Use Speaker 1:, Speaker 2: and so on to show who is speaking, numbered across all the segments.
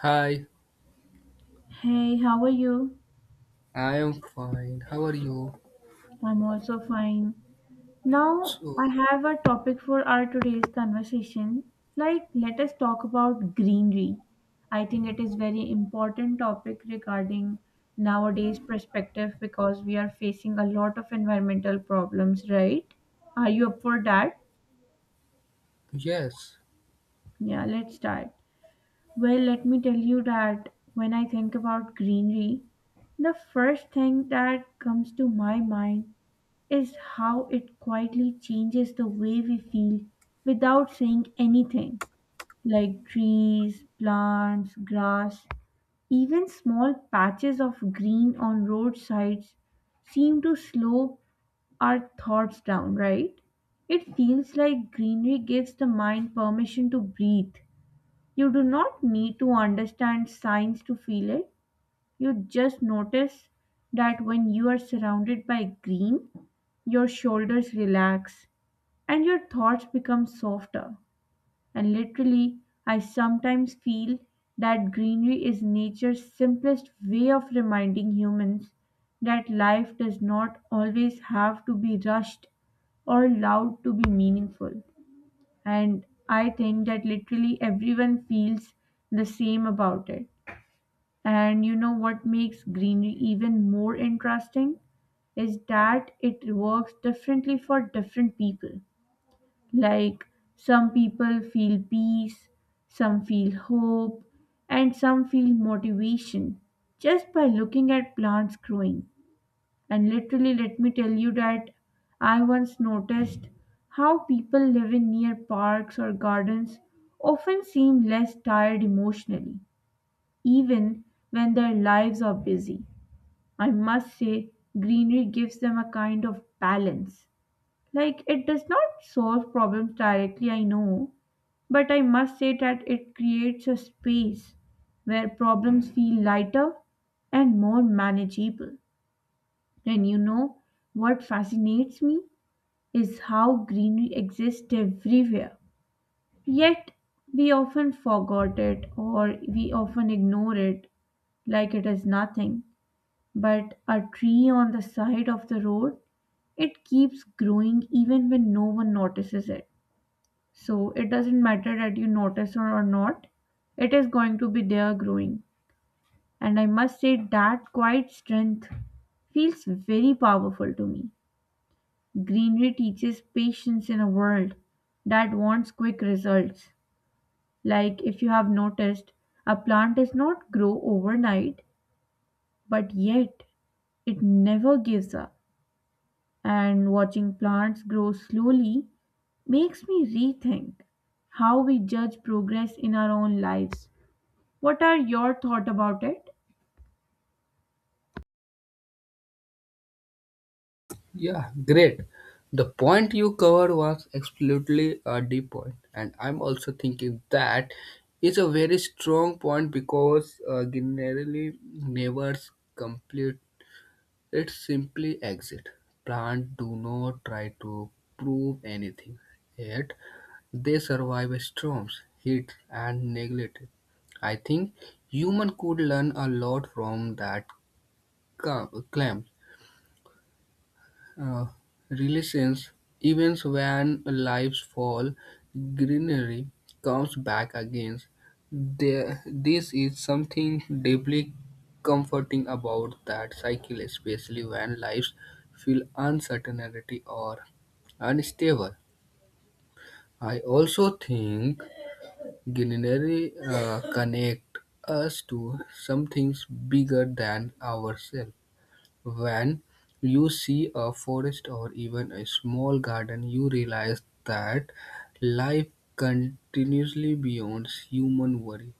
Speaker 1: Hi,
Speaker 2: Hey, how are you?
Speaker 1: I am fine. How are you?
Speaker 2: I'm also fine. Now,
Speaker 1: So,
Speaker 2: I have a topic for our today's conversation. Like, let us talk about greenery. I think it is very important topic regarding nowadays perspective because we are facing a lot of environmental problems, right? Are you up for that?
Speaker 1: yes,
Speaker 2: Yeah, let's start. Well, let me tell you that when I think about greenery, the first thing that comes to my mind is how it quietly changes the way we feel without saying anything, like trees, plants, grass. Even small patches of green on roadsides seem to slow our thoughts down, right? It feels like greenery gives the mind permission to breathe. You do not need to understand science to feel it. You just notice that when you are surrounded by green, your shoulders relax and your thoughts become softer. And literally, I sometimes feel that greenery is nature's simplest way of reminding humans that life does not always have to be rushed or loud to be meaningful. And I think that literally everyone feels the same about it. And you know what makes greenery even more interesting is that it works differently for different people. Like some people feel peace, some feel hope, and some feel motivation just by looking at plants growing. And literally, let me tell you that I once noticed how people living near parks or gardens often seem less tired emotionally even when their lives are busy. I must say, greenery gives them a kind of balance. Like, it does not solve problems directly, I know, but I must say that it creates a space where problems feel lighter and more manageable. And you know what fascinates me is how greenery exists everywhere. Yet we often forgot it or we often ignore it like it is nothing. But a tree on the side of the road, it keeps growing even when no one notices it, so it doesn't matter that you notice or not, it is going to be there growing. And I must say that quiet strength feels very powerful to me. Greenery teaches patience in a world that wants quick results. Like if you have noticed, a plant does not grow overnight, but yet it never gives up, and watching plants grow slowly makes me rethink how we judge progress in our own lives. What are your thoughts about it?
Speaker 1: yeah, great. The point you covered was absolutely a deep point, and I'm also thinking that it's a very strong point because generally neighbors complete. It's simply exit. Plants do not try to prove anything, yet they survive storms, heat, and neglect. I think human could learn a lot from that clam, uh, relations, events when lives fall, greenery comes back again. There, this is something deeply comforting about that cycle, especially when lives feel uncertainty or unstable. I also think greenery connect us to something bigger than ourselves. When you see a forest or even a small garden, you realize that life continuously beyond human worry.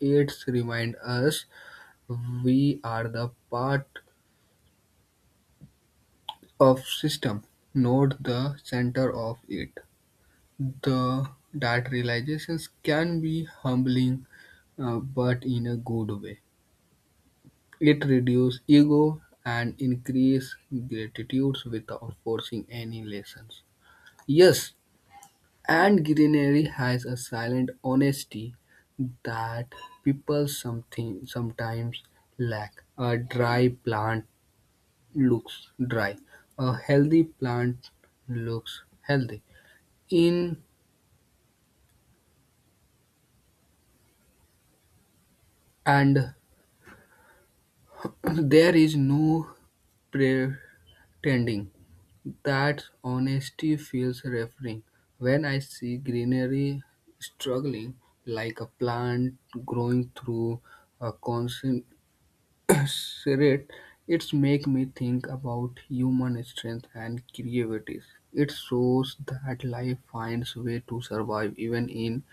Speaker 1: It reminds us we are the part of system, not the center of it. The that realizations can be humbling, but in a good way. It reduces ego and increase gratitude without forcing any lessons. Yes, and greenery has a silent honesty that people something sometimes lack. A dry plant looks dry. A healthy plant looks healthy. In and there is no pretending. That honesty feels refreshing. When I see greenery struggling like a plant growing through a constant Sirit, it's make me think about human strength and creativity. It shows that life finds way to survive even in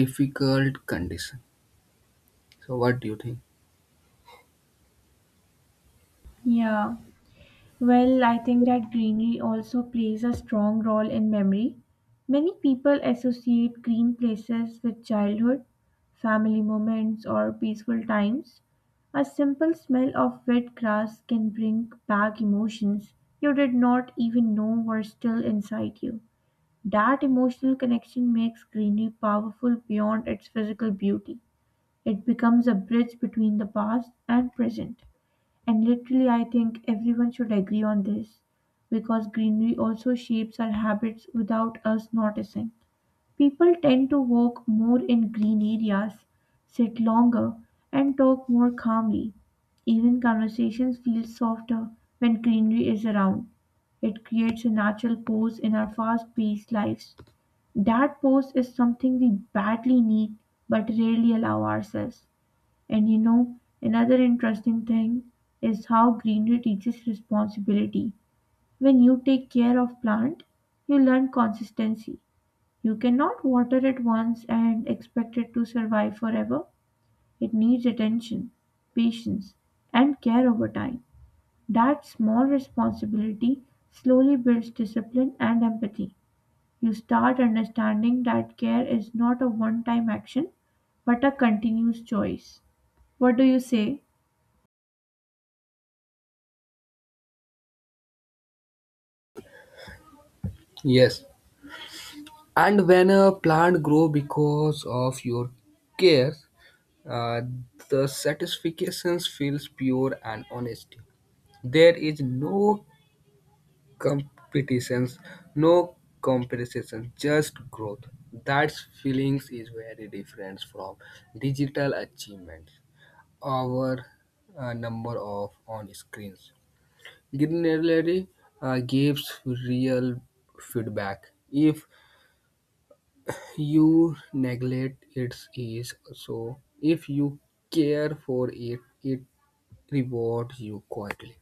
Speaker 1: difficult conditions. So what do you think?
Speaker 2: Yeah, well, I think that greenery also plays a strong role in memory. Many people associate green places with childhood, family moments, or peaceful times. A simple smell of wet grass can bring back emotions you did not even know were still inside you. That emotional connection makes greenery powerful beyond its physical beauty. It becomes a bridge between the past and present. And literally, I think everyone should agree on this because greenery also shapes our habits without us noticing. People tend to walk more in green areas, sit longer, and talk more calmly. Even conversations feel softer when greenery is around. It creates a natural pause in our fast paced lives. That pause is something we badly need but rarely allow ourselves. And you know, another interesting thing is how greenery teaches responsibility. When you take care of plant, you learn consistency. You cannot water it once and expect it to survive forever. It needs attention, patience, and care over time. That small responsibility slowly builds discipline and empathy. You start understanding that care is not a one time action but a continuous choice. What do you say?
Speaker 1: Yes. And when a plant grow because of your care, uh, the satisfaction feels pure and honest. There is no competitions, no competition, just growth. That feelings is very different from digital achievements, our number of on screens generally gives real feedback. If you neglect it is so, if you care for it it rewards you quietly.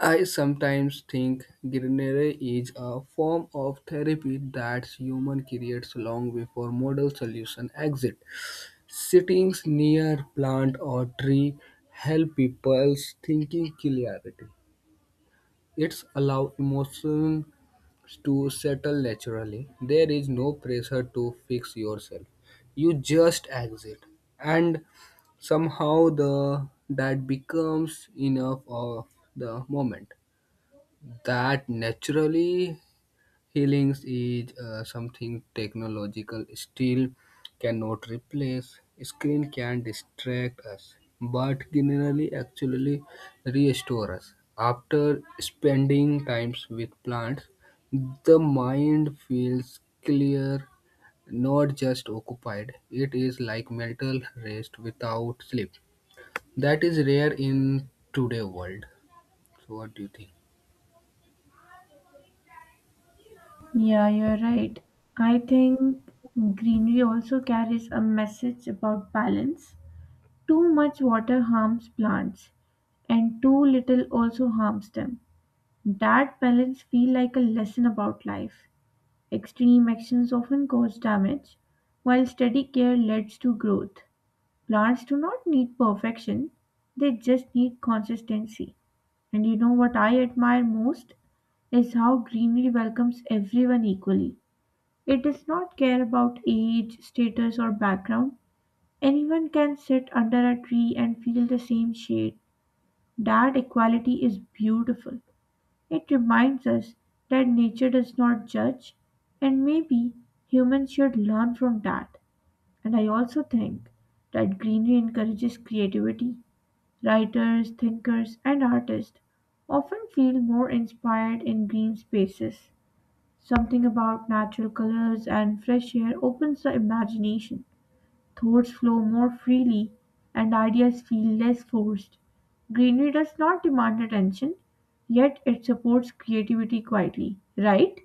Speaker 1: I sometimes think greenery is a form of therapy that human creates long before model solution exist. Sittings near plant or tree help people's thinking clarity. It's allow emotions to settle naturally. There is no pressure to fix yourself. You just exit, and somehow the that becomes enough of the moment. That naturally healings is something technological still cannot replace. Screen can distract us, but generally actually restore us. After spending times with plants the mind feels clear, not just occupied. It is like mental rest without sleep. That is rare in today world. So what do you think?
Speaker 2: Yeah, you're right. I think greenery also carries a message about balance. Too much water harms plants, and too little also harms them. That balance feel like a lesson about life. Extreme actions often cause damage, while steady care leads to growth. Plants do not need perfection, they just need consistency. And you know what I admire most is how greenery welcomes everyone equally. It does not care about age, status, or background. Anyone can sit under a tree and feel the same shade. That equality is beautiful. It reminds us that nature does not judge, and maybe humans should learn from that. And I also think that greenery encourages creativity. Writers, thinkers, and artists often feel more inspired in green spaces. Something about natural colors and fresh air opens the imagination. Thoughts flow more freely, and ideas feel less forced. Greenery does not demand attention, yet it supports creativity quietly, right?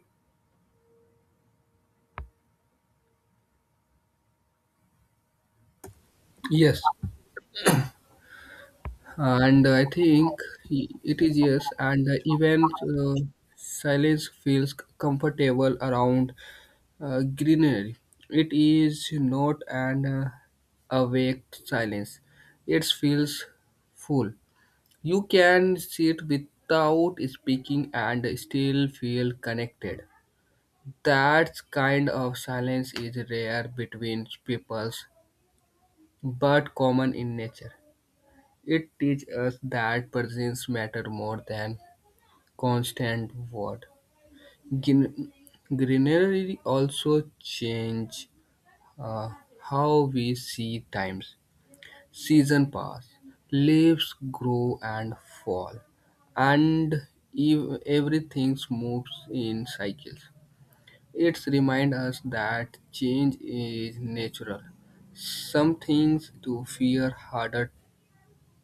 Speaker 1: Yes, and I think it is yes, and even silence feels comfortable around greenery. It is not an awake silence. It feels full. You can sit without speaking and still feel connected. That kind of silence is rare between peoples, but common in nature. It teaches us that presence matter more than constant word. Gin- Greenery also change uh, how we see times. Season pass, leaves grow and fall, and everything moves in cycles. It reminds us that change is natural. Some things to fear harder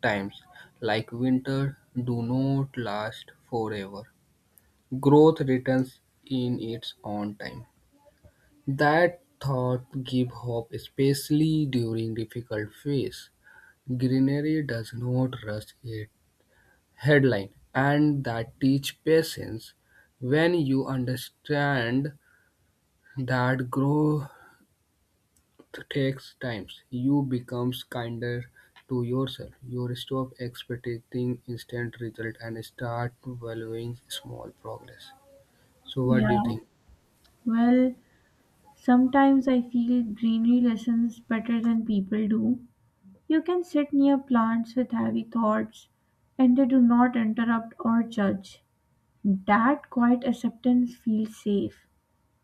Speaker 1: times, like winter, do not last forever. Growth returns in its own time. That thought gives hope, especially during difficult phase. Greenery does not rush it. Headline, and that teach patience. When you understand that grow takes time, you becomes kinder to yourself. You stop expecting instant result and start valuing small progress. So what do you
Speaker 2: Yeah.
Speaker 1: think?
Speaker 2: Well, sometimes I feel greenery listens better than people do. You can sit near plants with heavy thoughts, and they do not interrupt or judge. That quiet acceptance feels safe.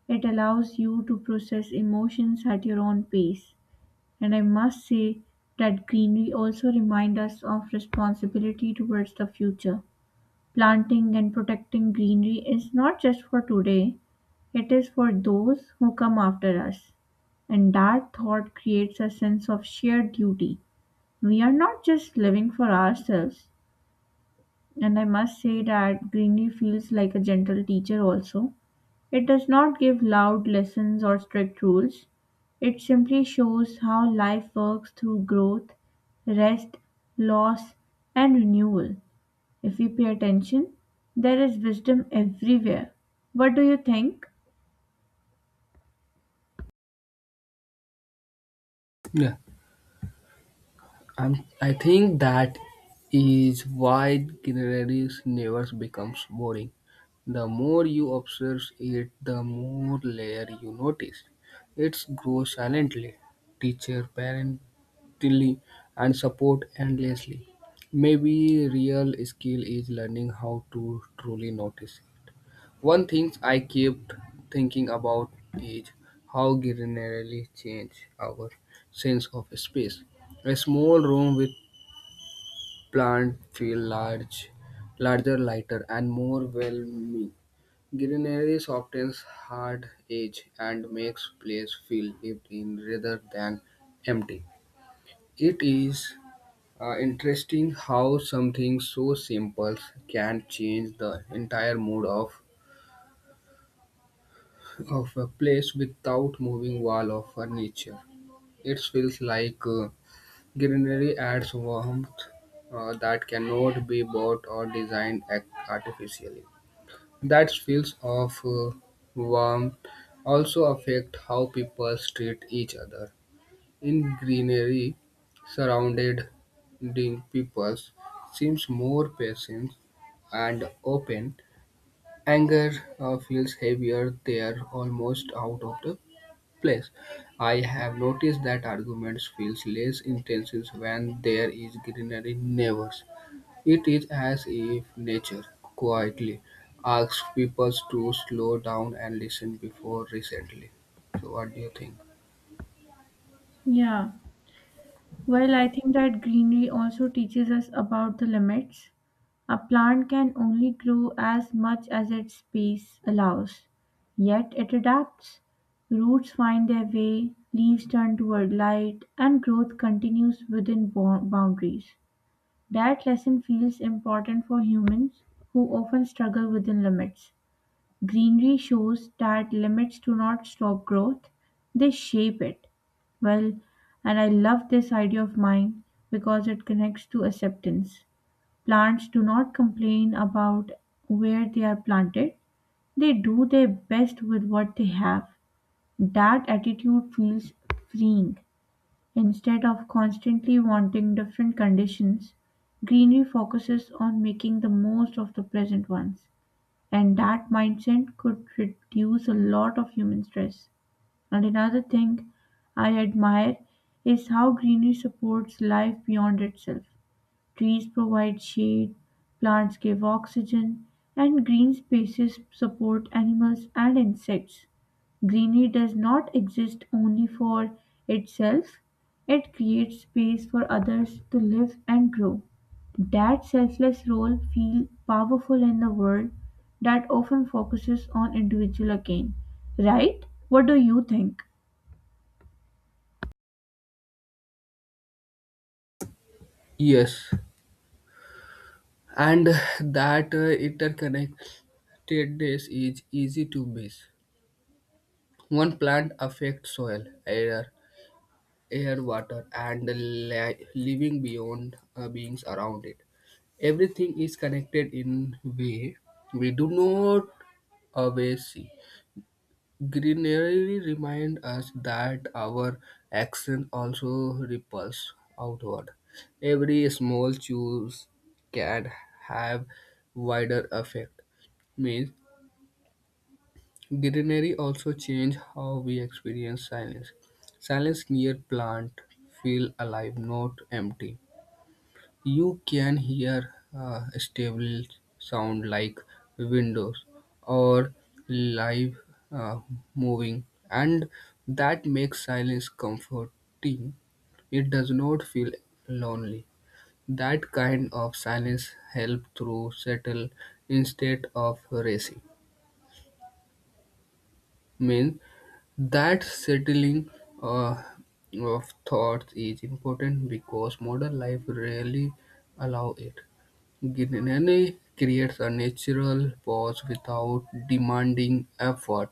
Speaker 2: It allows you to process emotions at your own pace. And I must say that greenery also reminds us of responsibility towards the future. Planting and protecting greenery is not just for today, it is for those who come after us. And that thought creates a sense of shared duty. We are not just living for ourselves. And I must say that greenery feels like a gentle teacher also, it does not give loud lessons or strict rules, it simply shows how life works through growth, rest, loss, and renewal. If we pay attention, there is wisdom everywhere. What do you think?
Speaker 1: Yeah, I think that is why greeneries never becomes boring. The more you observe it, the more layer you notice. It grows silently. Teacher, parent, tilly and support endlessly. Maybe real skill is learning how to truly notice. One thing I kept thinking about is how greenery change our sense of space. A small room with plant feel large, larger, lighter, and more welcoming. Greenery softens hard edge and makes place feel lived in rather than empty. It is interesting how something so simple can change the entire mood of a place without moving wall of furniture. It feels like greenery adds warmth that cannot be bought or designed artificially. That feels of warmth also affect how people treat each other. In greenery, surrounded ding peoples seems more patient and open, anger feels heavier. They are almost out of the place. I have noticed that arguments feels less intense when there is greenery neighbors. It is as if nature quietly asks people to slow down and listen before recently. So, what do you think?
Speaker 2: Yeah. Well, I think that greenery also teaches us about the limits. A plant can only grow as much as its space allows, yet it adapts. Roots find their way, leaves turn toward light, and growth continues within boundaries. That lesson feels important for humans who often struggle within limits. Greenery shows that limits do not stop growth, they shape it. Well, and I love this idea of mine because it connects to acceptance. Plants do not complain about where they are planted, they do their best with what they have. That attitude feels freeing. Instead of constantly wanting different conditions, greenery focuses on making the most of the present ones. And that mindset could reduce a lot of human stress. And another thing I admire is how greenery supports life beyond itself. Trees provide shade, plants give oxygen, and green spaces support animals and insects. Greenery does not exist only for itself, it creates space for others to live and grow. That selfless role feels powerful in a world that often focuses on individual again, right? What do you think?
Speaker 1: Yes, and that interconnectedness is easy to miss. One plant affects soil, air, air, water, and the living beyond beings around it. Everything is connected in way we do not always see. Greenery reminds us that our action also ripples outward. Every small choice can have wider effect. Means greenery also change how we experience silence. Silence near plant feel alive, not empty. You can hear a stable sound like windows or live uh, moving, and that makes silence comforting. It does not feel lonely. That kind of silence helps through settle instead of racing. Means that settling uh, of thoughts is important because modern life rarely allow it. Ginny creates a natural pause without demanding effort.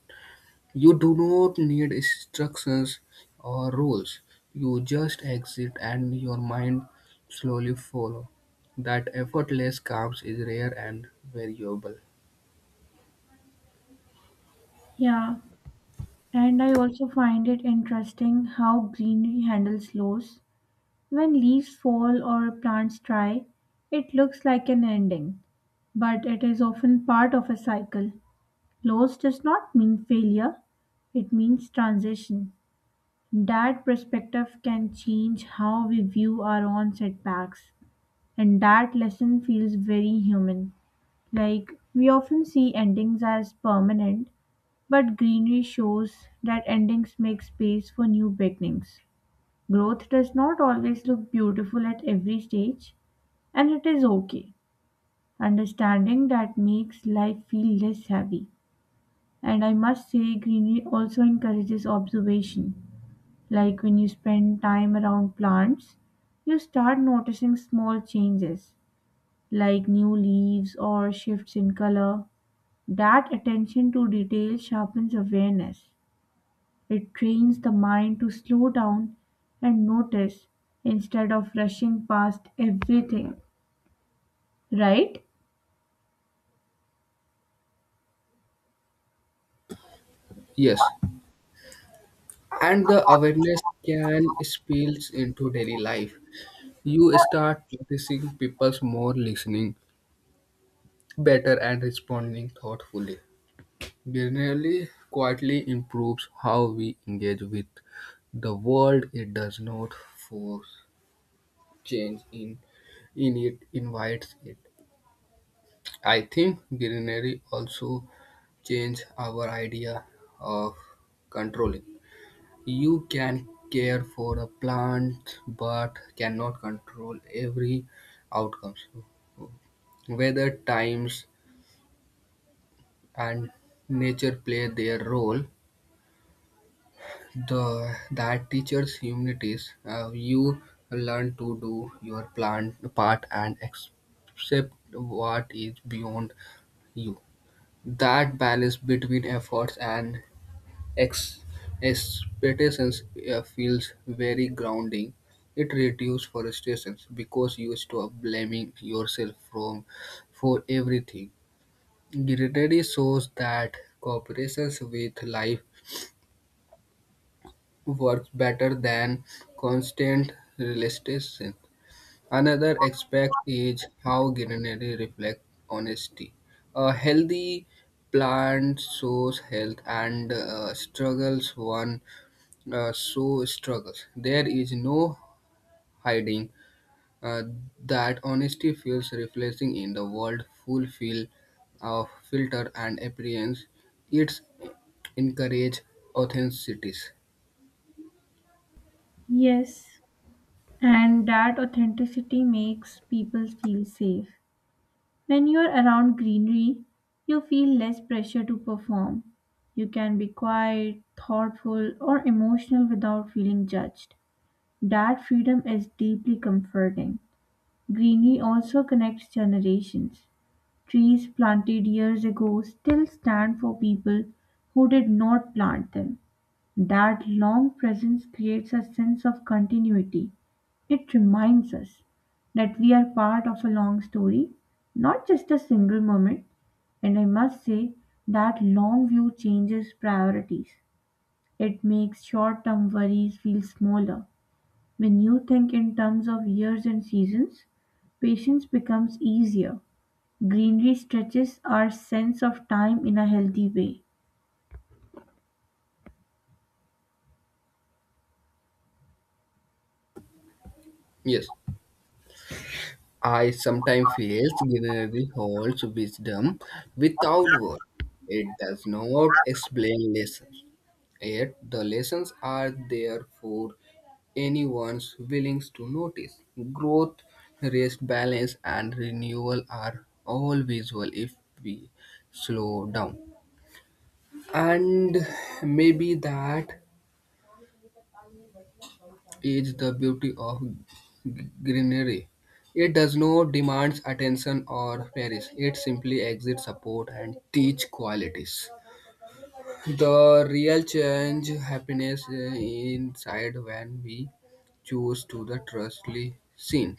Speaker 1: You do not need instructions or rules. You just exit, and your mind slowly follows. That effortless calm is rare and variable.
Speaker 2: Yeah, and I also find it interesting how greenery handles loss. When leaves fall or plants dry, it looks like an ending, but it is often part of a cycle. Loss does not mean failure, it means transition. That perspective can change how we view our own setbacks, and that lesson feels very human. Like, we often see endings as permanent, but greenery shows that endings make space for new beginnings. Growth does not always look beautiful at every stage, and it is okay. Understanding that makes life feel less heavy. And I must say, greenery also encourages observation. Like when you spend time around plants, you start noticing small changes, like new leaves or shifts in color. That attention to detail sharpens awareness. It trains the mind to slow down and notice instead of rushing past everything, right?
Speaker 1: Yes, and the awareness can spill into daily life. You start noticing people's more listening, better, and responding thoughtfully. Denial quietly improves how we engage with the world; it does not force change in it invites it. I think denial also change our idea of controlling. You can care for a plant but cannot control every outcome. Weather, times, and nature play their role. The that teaches humanities. You learn to do your plan part and accept what is beyond you. That balance between efforts and ex- expectations feels very grounding. It reduces frustrations because you stop blaming yourself from for everything. Gratitude shows that cooperation with life works better than constant realization. Another aspect is how greenery reflects honesty. A healthy plant shows health and struggles one so struggles. There is no hiding uh, that honesty feels reflecting in the world fulfill of filter and appearance. It's encourage authenticity.
Speaker 2: Yes, and that authenticity makes people feel safe. When you're around greenery, you feel less pressure to perform. You can be quiet, thoughtful, or emotional without feeling judged. That freedom is deeply comforting. Greenery also connects generations. Trees planted years ago still stand for people who did not plant them. That long presence creates a sense of continuity. It reminds us that we are part of a long story, not just a single moment. And I must say that long view changes priorities. It makes short term worries feel smaller. When you think in terms of years and seasons, patience becomes easier. Greenery stretches our sense of time in a healthy way.
Speaker 1: Yes. I sometimes feel Guinness holds wisdom without words. It does not explain lessons. Yet the lessons are there for anyone's willing to notice. Growth, rest, balance, and renewal are all visual if we slow down. And maybe that is the beauty of greenery. It does not demand attention or nourish. It simply exits support and teach qualities. The real change happiness inside when we choose to the trustly scene.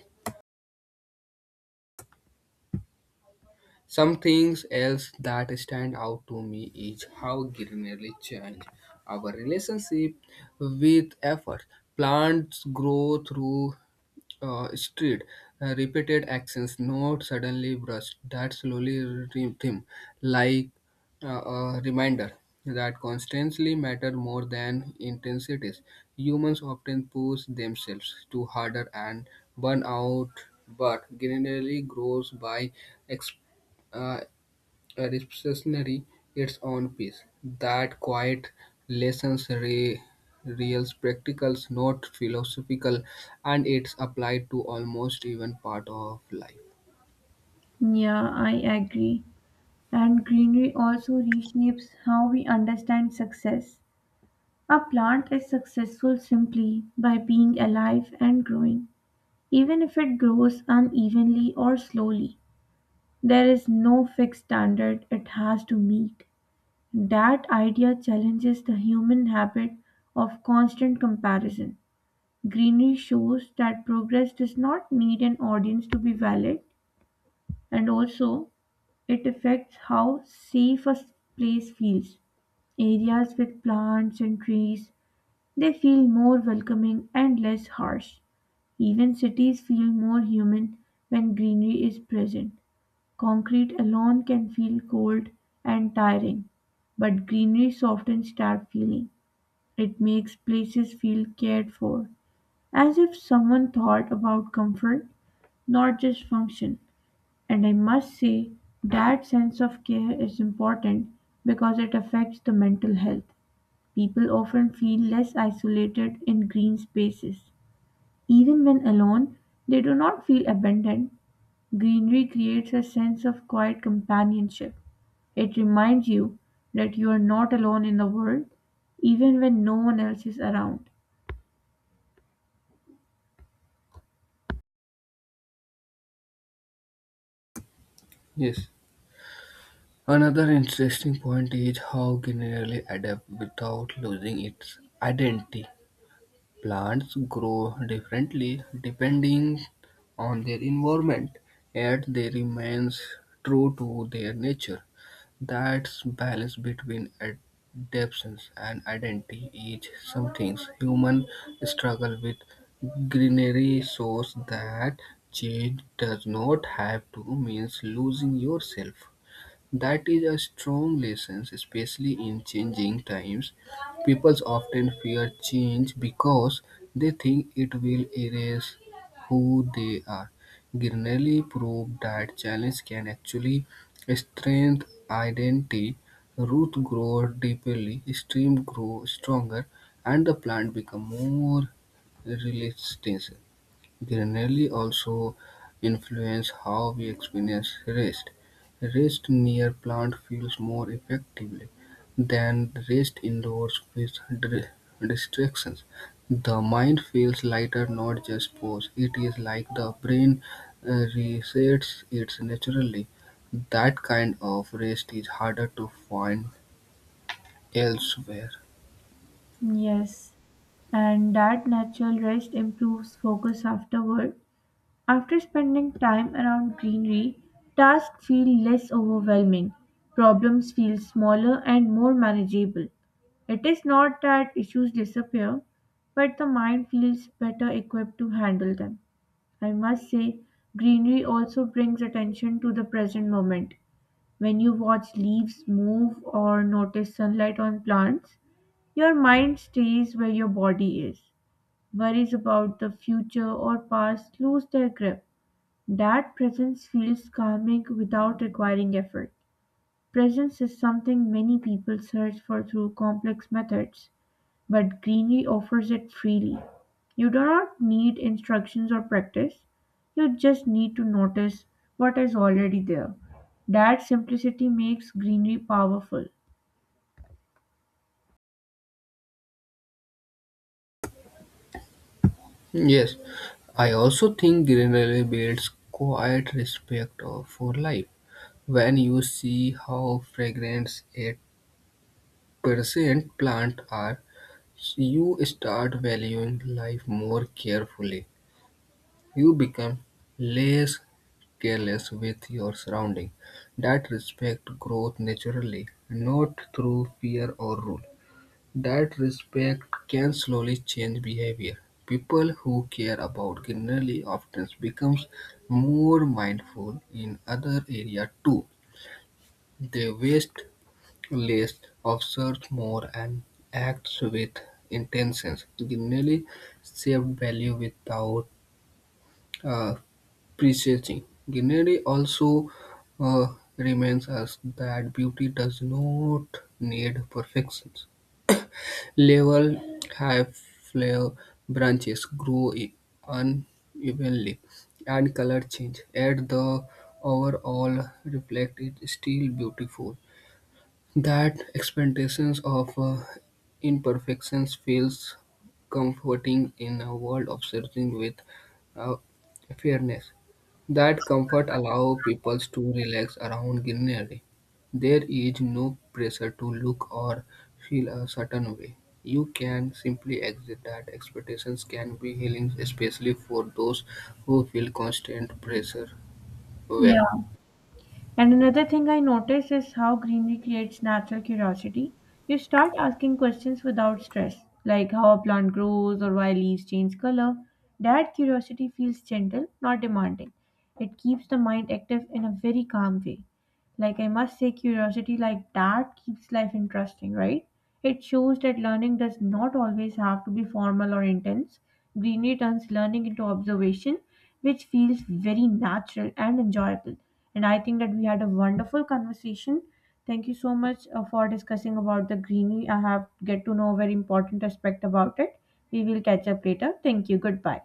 Speaker 1: Some things else that stand out to me is how greenery change our relationship with effort. Plants grow through street, repeated actions, not suddenly brushed, that slowly rhythm, like a reminder that constantly matter more than intensities. Humans often push themselves to harder and burn out, but generally grows by ex- uh, revolutionary its own piece. That quiet lessons reals practicals, not philosophical, and it's applied to almost even part of life.
Speaker 2: Yeah, I agree. And greenery also reshapes how we understand success. A plant is successful simply by being alive and growing, even if it grows unevenly or slowly. There is no fixed standard it has to meet. That idea challenges the human habit of constant comparison. Greenery shows that progress does not need an audience to be valid, and also it affects how safe a place feels. Areas with plants and trees, they feel more welcoming and less harsh. Even cities feel more human when greenery is present. Concrete alone can feel cold and tiring, but greenery softens that feeling. It makes places feel cared for, as if someone thought about comfort, not just function. And I must say, that sense of care is important because it affects the mental health. People often feel less isolated in green spaces. Even when alone, they do not feel abandoned. Greenery creates a sense of quiet companionship. It reminds you that you are not alone in the world, even when no one else is around.
Speaker 1: Yes. Another interesting point is how generally adapt without losing its identity. Plants grow differently depending on their environment, yet they remains true to their nature. That balance between adaptation and identity is something humans struggle with. Greenery shows that change does not have to mean losing yourself. That is a strong lesson, especially in changing times. People often fear change because they think it will erase who they are. Grinelli proved that challenge can actually strengthen identity. Roots grow deeply, stems grow stronger, and the plant become more resistant. Granelli also influenced how we experience rest. Rest near plants feels more effectively than rest indoors with distractions. The mind feels lighter, not just pause. It is like the brain resets it naturally. That kind of rest is harder to find elsewhere.
Speaker 2: Yes, and that natural rest improves focus afterward. After spending time around greenery, tasks feel less overwhelming, problems feel smaller and more manageable. It is not that issues disappear, but the mind feels better equipped to handle them. I must say, greenery also brings attention to the present moment. When you watch leaves move or notice sunlight on plants, your mind stays where your body is. Worries about the future or past lose their grip. That presence feels calming without requiring effort. Presence is something many people search for through complex methods, but greenery offers it freely. You do not need instructions or practice. You just need to notice what is already there. That simplicity makes greenery powerful.
Speaker 1: Yes, I also think Greenery builds quiet respect for life. When you see how fragrant a percent plants are, you start valuing life more carefully. You become less careless with your surrounding. That respect growth naturally, not through fear or rule. That respect can slowly change behavior. People who care about greenery often becomes more mindful in other area too. They waste List observes more and acts with intentions, generally shaped value without uh, prejudice. Guineary also reminds us that beauty does not need perfection. Level high flower branches grow unevenly and color change. Yet the overall reflect is still beautiful. That expectations of imperfections feels comforting in a world of searching with uh, fairness. That comfort allows people to relax around greenery. There is no pressure to look or feel a certain way. You can simply exit that expectations can be healing, especially for those who feel constant pressure.
Speaker 2: Yeah.
Speaker 1: Where
Speaker 2: And another thing I notice is how greenery creates natural curiosity. You start asking questions without stress, like how a plant grows or why leaves change color. That curiosity feels gentle, not demanding. It keeps the mind active in a very calm way. Like, I must say, curiosity like that keeps life interesting, right? It shows that learning does not always have to be formal or intense. Greenery turns learning into observation, which feels very natural and enjoyable. And I think that we had a wonderful conversation. Thank you so much for discussing about the greenery. I have get to know a very important aspect about it. We will catch up later. Thank you. Goodbye.